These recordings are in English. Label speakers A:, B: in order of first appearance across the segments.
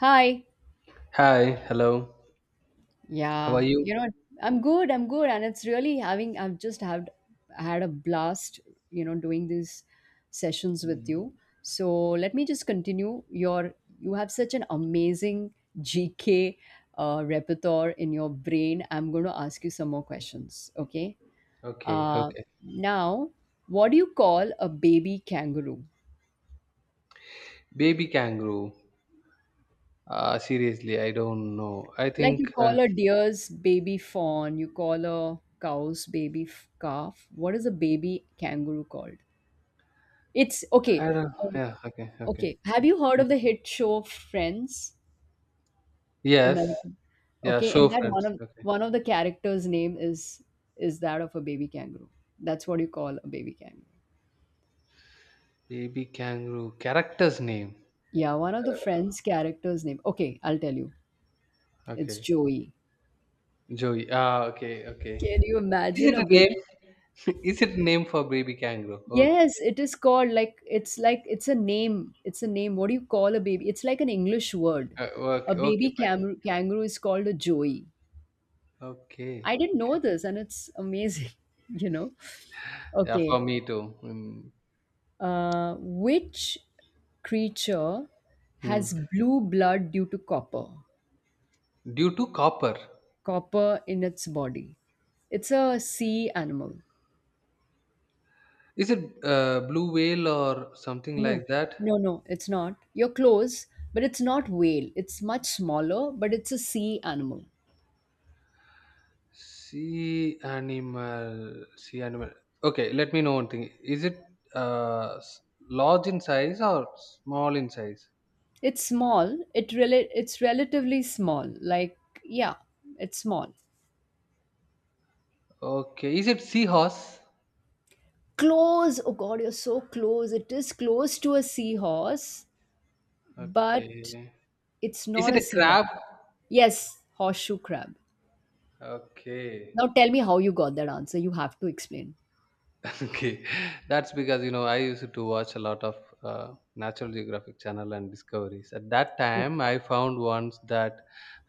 A: Hi.
B: Hi, hello. How are
A: Yeah,
B: you?
A: you know, I'm good. I'm good, and it's really having. I've just had a blast, doing these sessions with
B: Mm,
A: you. So let me just continue. You have such an amazing GK repertoire in your brain. I'm going to ask you some more questions. Okay.
B: okay,
A: Uh,
B: okay.
A: now, what do you call a baby kangaroo?
B: Baby kangaroo. Seriously, I don't know. I
A: Like you
B: think
A: call a deer's baby fawn, you call a cow's baby calf. What is a baby kangaroo called? It's okay.
B: I don't.
A: Um,
B: Yeah, okay, okay.
A: okay. Have you heard
B: Mm.
A: of the hit show Friends?
B: Yes,
A: American.
B: yeah.
A: Okay, in
B: Show
A: that one
B: friends.
A: of
B: Okay.
A: one of the characters' name is that of a baby kangaroo. That's what you call a baby kangaroo.
B: Baby kangaroo character's name.
A: Yeah, one of the Friends characters' name. Okay, I'll tell you. It's
B: Okay,
A: Joey.
B: Joey. Ah, okay, okay.
A: Can you
B: Is
A: imagine
B: it
A: a
B: a name?
A: baby.
B: Is it a name for baby kangaroo?
A: Yes,
B: Okay,
A: it is called like it's a name. It's a name. What do you call a baby? It's like an English word.
B: uh,
A: A
B: okay, okay,
A: baby
B: fine.
A: kangaroo is called a joey.
B: Okay.
A: I didn't know this, and it's amazing, you know.
B: Yeah,
A: Okay,
B: for me too. Mm.
A: which creature has
B: Mm.
A: blue blood due to copper?
B: Due to copper.
A: Copper in its body. It's a sea animal.
B: Is it blue whale or something
A: No,
B: like
A: no,
B: that?
A: no, it's not. You're close, but it's not whale. It's much smaller, but it's a sea animal.
B: Sea animal. Sea animal. Okay, let me know one thing. Is it uh, s- large in size or small in size?
A: It's small. It really it's relatively small. Like yeah, it's small.
B: Okay. Is it seahorse?
A: Close. Oh god, you're so close. It is close to a seahorse, but
B: Okay.
A: it's
B: Is
A: not
B: it
A: a
B: a
A: seahorse.
B: crab?
A: Yes, horseshoe crab.
B: Okay.
A: Now tell me how you got that answer. You have to explain.
B: Okay, that's because you know I used to watch a lot of uh, natural geographic channel and discoveries. At that time I found once that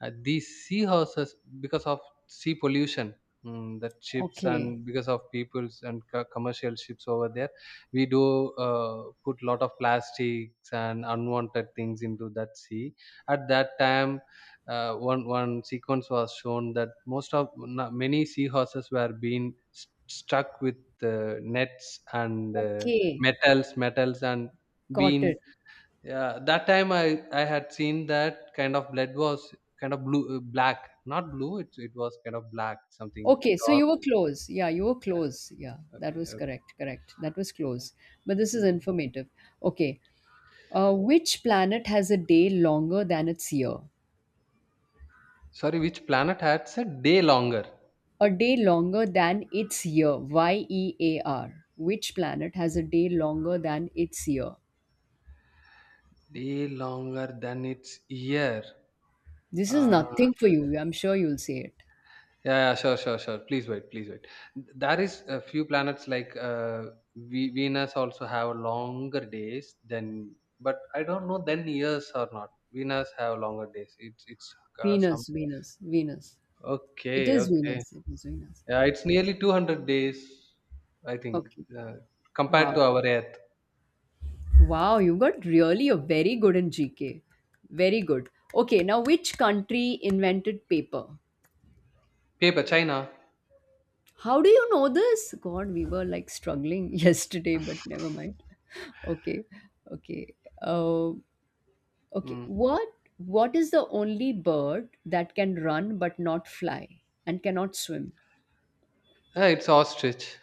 B: these seahorses, because of sea pollution, mm, that ships,
A: Okay.
B: and because of people's and commercial ships over there, we do put lot of plastics and unwanted things into that sea. At that time, one sequence was shown that most of many seahorses were being stuck with nets and
A: Okay.
B: metals, and
A: Got
B: being,
A: it.
B: yeah, that time I had seen that kind of blood was kind of blue, black, not blue, it was kind of black something
A: Okay, so
B: dark,
A: you were close. Yeah, you were close.
B: yeah.
A: Yeah, that
B: Okay,
A: was
B: okay.
A: correct. Correct. That was close. But this is
B: Mm.
A: informative. Okay. Which planet has a day longer than its year?
B: Sorry, which planet had a day longer,
A: A day longer than its year, Y E A R. Which planet has a day longer than its year?
B: day longer than its year?
A: This is
B: uh,
A: nothing for you. I'm sure you'll say it.
B: Yeah, yeah, sure, sure, sure. Please wait, please wait. There is a few planets like Venus also have longer days than, but I don't know then years or not. Venus have longer days. It's some.
A: Venus, Venus, Venus. It
B: Okay,
A: is
B: okay.
A: Venus. It is Venus.
B: Yeah, it's nearly 200 days, I think,
A: Okay.
B: uh, compared
A: Wow.
B: to our Earth.
A: Wow, you got really a very good in GK. Very good. Okay, now which country invented paper?
B: Paper China.
A: How do you know this? God, we were like struggling yesterday, but never mind. Okay. Okay. Uh, Okay,
B: Mm.
A: what is the only bird that can run but not fly and cannot swim?
B: Yeah, it's ostrich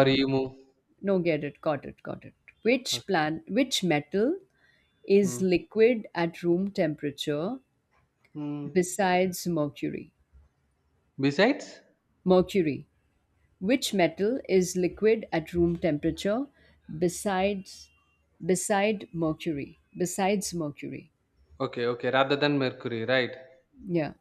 B: or emu.
A: No, get it. Got it. Got it.
B: Okay.
A: Which metal is
B: Mm.
A: liquid at room temperature
B: Mm.
A: besides mercury?
B: Besides,
A: Mercury. Which metal is liquid at room temperature besides beside mercury? Besides mercury.
B: okay, okay. Rather than Mercury, right?
A: Yeah.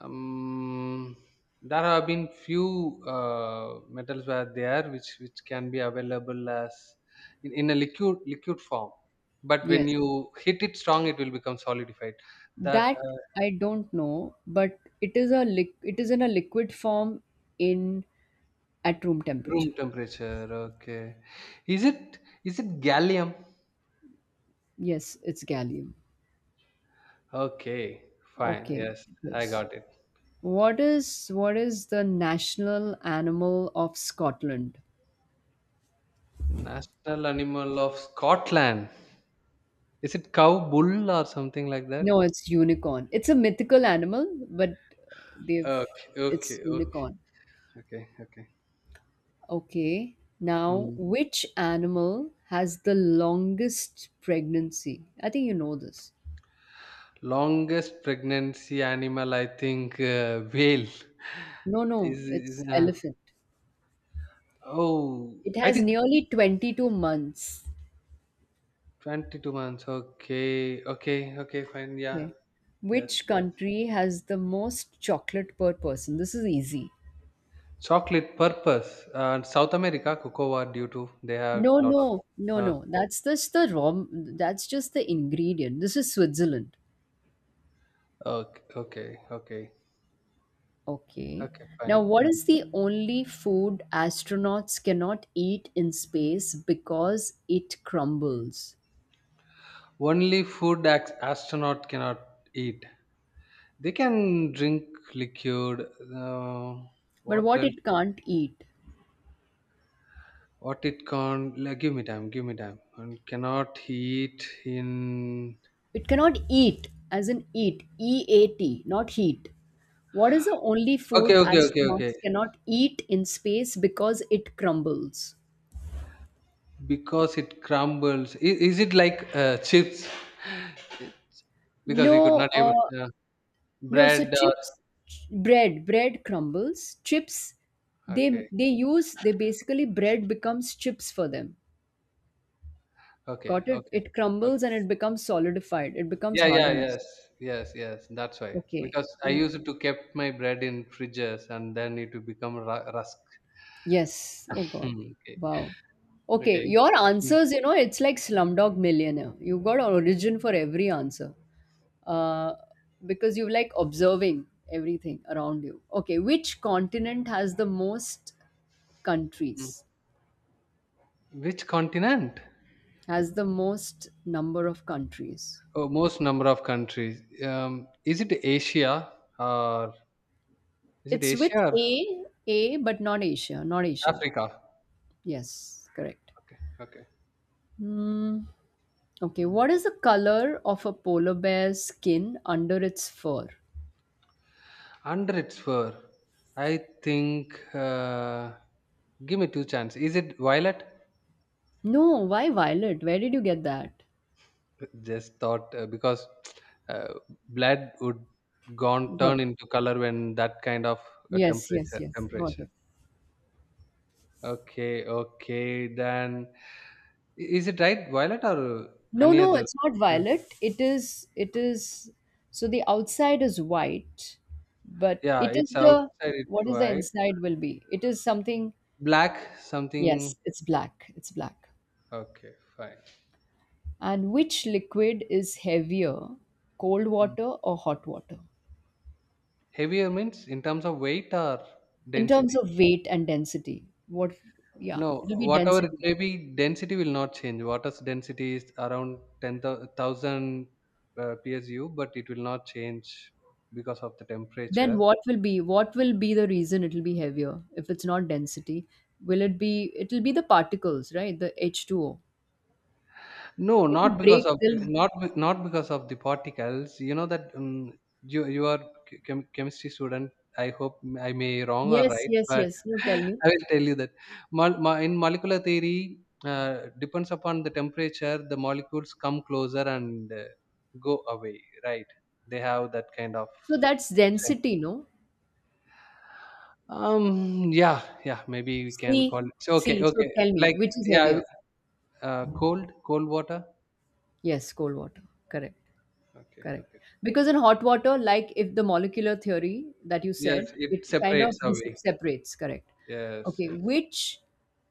B: um, there have been few metals were there which can be available as in a liquid form, but when
A: Yes.
B: you hit it strong it will become solidified, that
A: That I don't know, but it is a it is in a liquid form in at room
B: room
A: temperature.
B: temperature, okay. Is it, is it gallium?
A: Yes, it's gallium.
B: Okay, fine,
A: Okay,
B: yes. I
A: yes.
B: got it.
A: What is the national animal of Scotland?
B: National animal of Scotland, is it cow, bull, or something like that?
A: No, it's unicorn. It's a mythical animal, but they've
B: Okay,
A: it's
B: okay, okay,
A: unicorn.
B: okay, okay.
A: Okay. Now,
B: Hmm.
A: which animal has the longest pregnancy? I think you know this.
B: Longest pregnancy animal, I think whale
A: No,
B: is,
A: no,
B: is
A: it's
B: uh,
A: elephant.
B: oh,
A: It
B: I
A: has
B: think
A: nearly 22 months.
B: 22 months. Okay, okay, okay, fine. Yeah,
A: Okay.
B: yes,
A: Which
B: yes.
A: country has the most chocolate per person? This is easy.
B: Chocolate purpose and South America cocoa, due to they have
A: No,
B: lot of
A: no, no,
B: uh,
A: no. That's just the raw, that's just the ingredient. This is Switzerland.
B: okay, okay, okay,
A: Okay.
B: okay,
A: Now,
B: fine.
A: what
B: Mm.
A: is the only food astronauts cannot eat in space because it crumbles?
B: Only food astronaut cannot eat. They can drink liquid. Uh,
A: But
B: what
A: what
B: else?
A: it can't eat?
B: What it can't, like, give me time, give me time. And cannot heat in.
A: It cannot eat, as in eat, E A T, not heat. What is the only food
B: Okay, okay, okay, okay.
A: astronauts cannot eat in space because it crumbles?
B: Because it crumbles. Is it like chips? Because we could
A: No,
B: not able uh,
A: no. So
B: bread or
A: chips, bread crumbles. Chips, they
B: okay,
A: they use they basically bread becomes chips for them.
B: okay,
A: Got it?
B: okay,
A: It
B: okay.
A: crumbles and it becomes solidified. It becomes
B: Yeah, yeah,
A: hardened.
B: yes, yes, yes. That's why.
A: Okay.
B: Because I used to kept my bread in fridges and then it will become rusk.
A: Yes. Oh God.
B: Hmm, okay,
A: Wow. Okay,
B: okay.
A: your
B: Mm,
A: answers, you know, it's like Slumdog Millionaire. You've got an origin for every answer. Uh, because you like observing everything around you. Okay, which continent has the most
B: mm.
A: countries?
B: Which continent?
A: Has the most number of countries?
B: Oh, most number of countries. Is it Asia or is it
A: It's
B: Asia
A: with
B: or
A: A, but not Asia, not Asia.
B: Africa?
A: Yes, correct.
B: Okay, okay.
A: Hmm. Okay,
B: Mm.
A: what is the color of a polar bear's skin under its fur?
B: Under its fur, I think. Give me two chances. Is it violet?
A: No, why violet? Where did you get that?
B: Just thought because uh, blood would gone
A: Got it.
B: turn into color when that kind of
A: Yes, yes,
B: temperature
A: yes. Got
B: temperature.
A: it.
B: Okay, okay. Then is it right violet or
A: No,
B: any
A: no,
B: other?
A: it's not
B: Uh,
A: violet. So the outside is white, but
B: Yeah, it's outside. It's
A: what is the
B: white.
A: inside will be? It is something,
B: Black
A: yes,
B: something.
A: it's black. It's black.
B: Okay, fine.
A: And which liquid is heavier, cold
B: Mm.
A: water or hot water?
B: Heavier means in terms of weight or
A: In terms
B: density.
A: of weight and density, what, yeah,
B: No,
A: it'll be
B: whatever it
A: density.
B: may be, density will not change. Water's density is around 10,000 PSU, but it will not change because of the
A: Then
B: temperature.
A: what will be the reason it'll be heavier if it's not density? Will it be it'll be the particles, right? The H2O.
B: No,
A: It'll
B: not because
A: break
B: of
A: they'll
B: the- not not because of the particles. You know that you are chemistry student. I hope I may wrong or
A: yes,
B: right,
A: yes,
B: but
A: yes. No, tell me.
B: I will tell you that in molecular theory, depends upon the temperature, the molecules come closer and go away, right? They have that kind of
A: So that's
B: shape.
A: density, no?
B: Yeah. Yeah. Maybe we can
A: See,
B: call it. So, okay.
A: see. So
B: Okay.
A: tell me,
B: Like,
A: which is
B: yeah.
A: heavier?
B: Cold. Cold water.
A: Yes, cold water. Correct.
B: Okay.
A: Correct.
B: Okay.
A: Because in hot water, like if the molecular theory that you
B: Yes,
A: said,
B: it
A: it kind of
B: separates away.
A: separates, correct?
B: Yes,
A: Okay,
B: yes.
A: which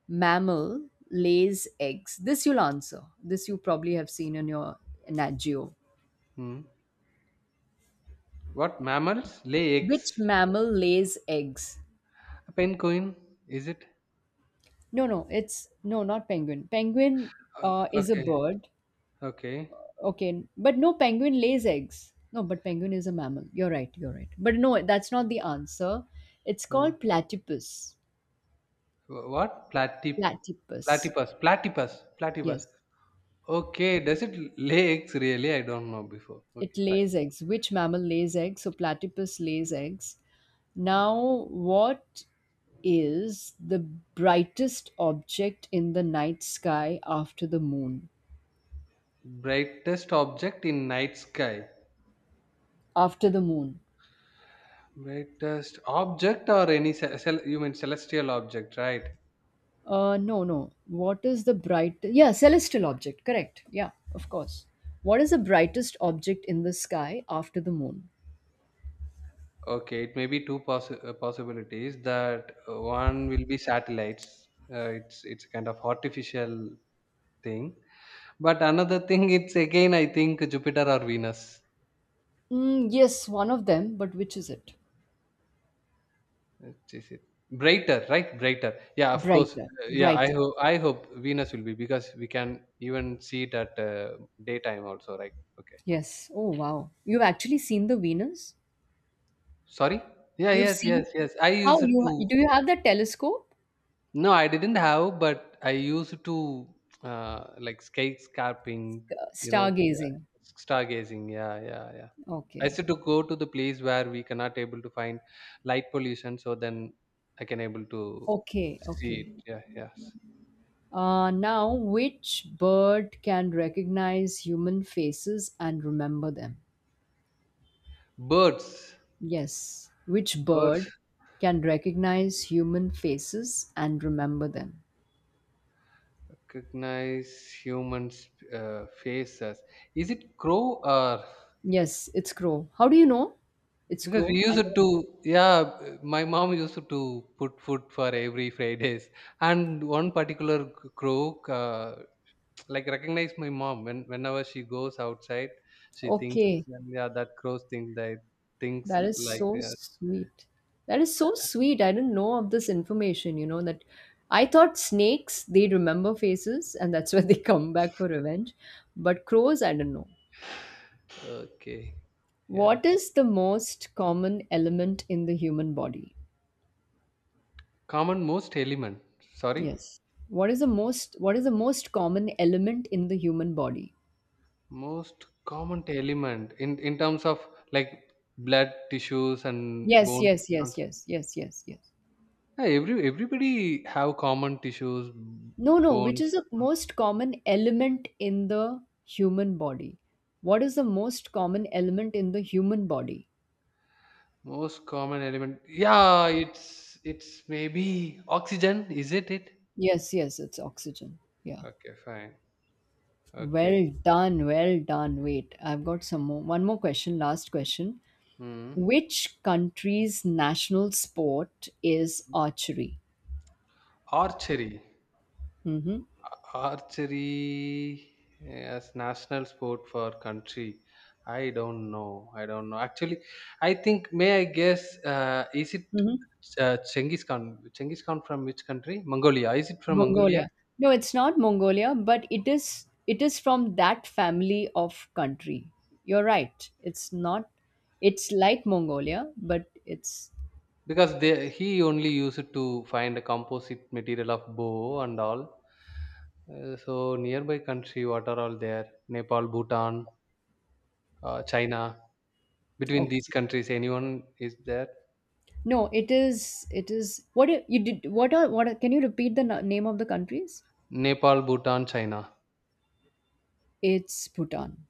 A: mammal lays eggs? This you'll answer. This you probably have seen in your Nat Geo.
B: Hmm. What mammals lay
A: Which
B: eggs?
A: mammal lays eggs?
B: A penguin, is it?
A: No, it's no, not penguin. Penguin
B: O-
A: is a
B: Okay,
A: bird.
B: okay.
A: Okay, but no, penguin lays eggs. No, but penguin is a mammal. You're right, you're right. But no, that's not the answer. It's
B: Hmm.
A: called platypus.
B: What
A: Platypus.
B: platypus? Platypus, platypus.
A: Yes,
B: Okay, does it lay eggs really? I don't know before.
A: it
B: Okay, fine.
A: lays eggs. Which mammal lays eggs? So platypus lays eggs. Now, what is the brightest object in the night sky after the moon?
B: Brightest object in night sky.
A: After the moon.
B: Brightest object or any you mean celestial object, right?
A: No, no. What is the bright? Yeah, celestial object. Correct. Yeah, of course. What is the brightest object in the sky after the moon?
B: Okay, it may be two possibilities that one will be satellites. It's kind of artificial thing, but another thing, it's again I think Jupiter or Venus.
A: Mm, yes, one of them, but which is it?
B: Which is it? Brighter, right? Brighter. Yeah, of course.
A: Brighter.
B: Yeah, I
A: Brighter.
B: hope, I hope Venus will be, because we can even see it at daytime also, right? Okay.
A: Yes. Oh, wow. You've actually seen the Venus?
B: Sorry? Yeah,
A: You've
B: yes,
A: seen?
B: yes, yes. I
A: How
B: use it
A: you
B: to
A: do you have the telescope?
B: no, I didn't have, but I used to like skate scarping, you know, yeah.
A: Stargazing.
B: Stargazing. Yeah, yeah, yeah. I used
A: Okay.
B: to go to the place where we cannot able to find light pollution, so then I can able to
A: Okay.
B: see it.
A: Okay.
B: Yeah, yes.
A: Now, which bird can recognize human faces and remember them?
B: Birds,
A: Yes. Which bird
B: birds
A: can recognize human faces and remember them?
B: recognize humans' faces. Is it crow or?
A: Yes, it's crow. How do you know? It's
B: Because we
A: crow. I
B: used to,
A: know.
B: yeah, my mom used to put food for every Fridays, and one particular croak, like recognize my mom when whenever she goes outside, she thinks,
A: Okay.
B: yeah, that crows think that thinks
A: That is
B: like,
A: so
B: yeah,
A: sweet. That
B: like,
A: is so sweet. I didn't know of this information, you know, that I thought snakes, they remember faces and that's why they come back for revenge. But crows, I don't know.
B: okay, yeah.
A: What is the most common element in the human body?
B: Common most element, sorry,
A: Yes. What is the most common element in the human body?
B: most common element in terms of like blood, tissues, and
A: Yes,
B: bones.
A: yes, yes, yes, yes, yes, yes.
B: Yeah, every everybody have common tissues,
A: No, no, which is
B: bones.
A: the
B: uh,
A: most common element in the human body? What is the most common element in the human body?
B: Most common element. Yeah, it's maybe oxygen, is it it?
A: Yes, yes, it's oxygen. Yeah.
B: Okay, fine. Okay.
A: Well done, well done. Wait, I've got some more. One more question, last question.
B: Hmm.
A: Which country's national sport is archery?
B: Archery.
A: Mm-hmm.
B: Archery as national sport for country. I don't know. I don't know. Actually, I think, may I guess, is it
A: Mm-hmm.
B: Chengiz Khan? Chengiz Khan from which country? Mongolia. Is it from Mongolia?
A: Mongolia. No, it's not Mongolia, but it is from that family of country. You're right. It's not it's like Mongolia, but it's
B: Because they, he only used to find a composite material of bow and all. So nearby country, what are all there? Nepal, Bhutan, China. Between these
A: okay.
B: countries, anyone is there?
A: No, it is what you did what are, can you repeat the name of the countries?
B: Nepal, Bhutan, China.
A: It's Bhutan.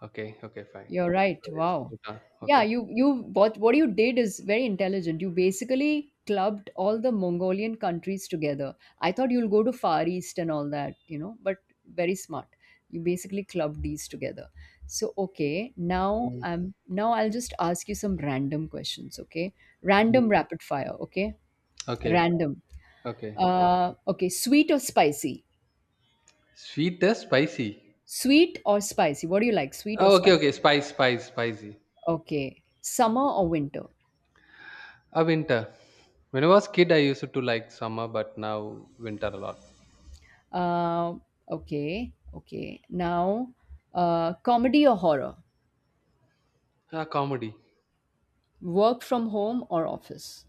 B: Okay, okay, fine.
A: You're right.
B: So it's
A: Wow.
B: Bhutan.
A: Yeah,
B: Okay.
A: you what you did is very intelligent. You basically clubbed all the Mongolian countries together. I thought you'll go to Far East and all that, you know, but very smart. You basically clubbed these together. So okay, now I'll just ask you some random questions, okay? Random
B: Mhm.
A: rapid fire, okay?
B: Okay,
A: Random.
B: okay.
A: Okay, sweet or spicy?
B: Sweet or spicy?
A: Sweet or spicy? What do you like? Sweet or
B: Oh, okay,
A: spicy?
B: okay. Spice, spice, spicy.
A: Okay. Summer or winter?
B: Winter. When I was kid, I used to like summer, but now winter a lot.
A: Uh okay, okay. Now, comedy or horror?
B: Ah, comedy.
A: Work from home or office?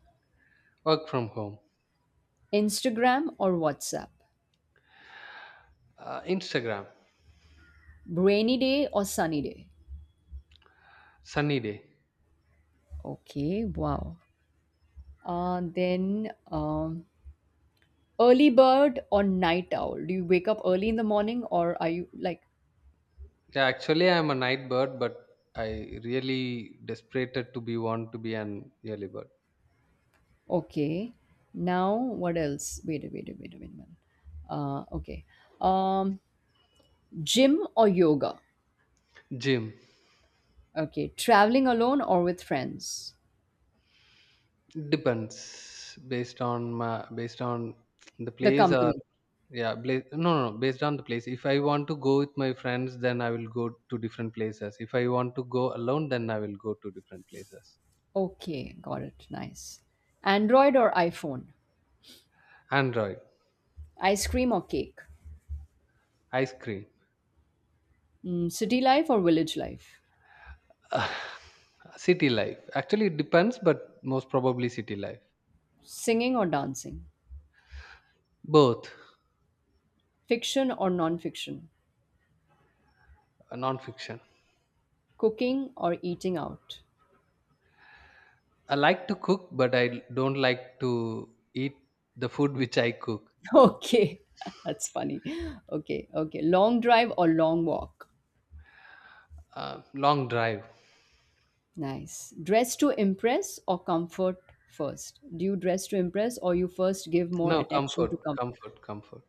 B: Work from home.
A: Instagram or WhatsApp?
B: Instagram.
A: Rainy day or sunny day?
B: Sunny day.
A: Okay, wow. Then, early bird or night owl? Do you wake up early in the morning or are you like,
B: Yeah, actually, I'm a night bird, but I really desperated to be want to be an early bird.
A: okay. Now, what else? Wait a minute. Okay. Um, Gym or yoga?
B: Gym
A: Okay. Traveling alone or with friends?
B: depends based on my, based on the
A: The
B: place or
A: company.
B: yeah, no, no, no, based on the place. If I want to go with my friends, then I will go to different places. If I want to go alone, then I will go to different places.
A: Okay, got it. Nice. Android or iPhone?
B: Android,
A: Ice cream or cake?
B: ice cream,
A: Mm, city life or village life?
B: city life. Actually, it depends, but most probably city life.
A: Singing or dancing?
B: Both.
A: Fiction or non fiction?
B: Non-fiction.
A: Cooking or eating out?
B: I like to cook, but I don't like to eat the food which I cook.
A: Okay, that's funny. Okay, okay. Long drive or long walk?
B: Long drive.
A: Nice. Dress to impress or comfort first? Do you dress to impress or you first give more
B: No
A: attention to
B: comfort,
A: comfort?
B: comfort, comfort.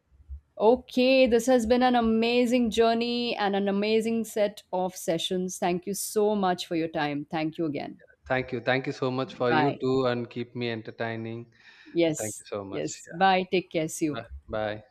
A: Okay, this has been an amazing journey and an amazing set of sessions. Thank you so much for your time. Thank you again.
B: Thank you so much for you
A: Bye.
B: too, and keep me entertaining. Thank
A: Yes,
B: you so much.
A: yes. Bye. Take care. See
B: Yeah.
A: you.
B: Bye. Bye.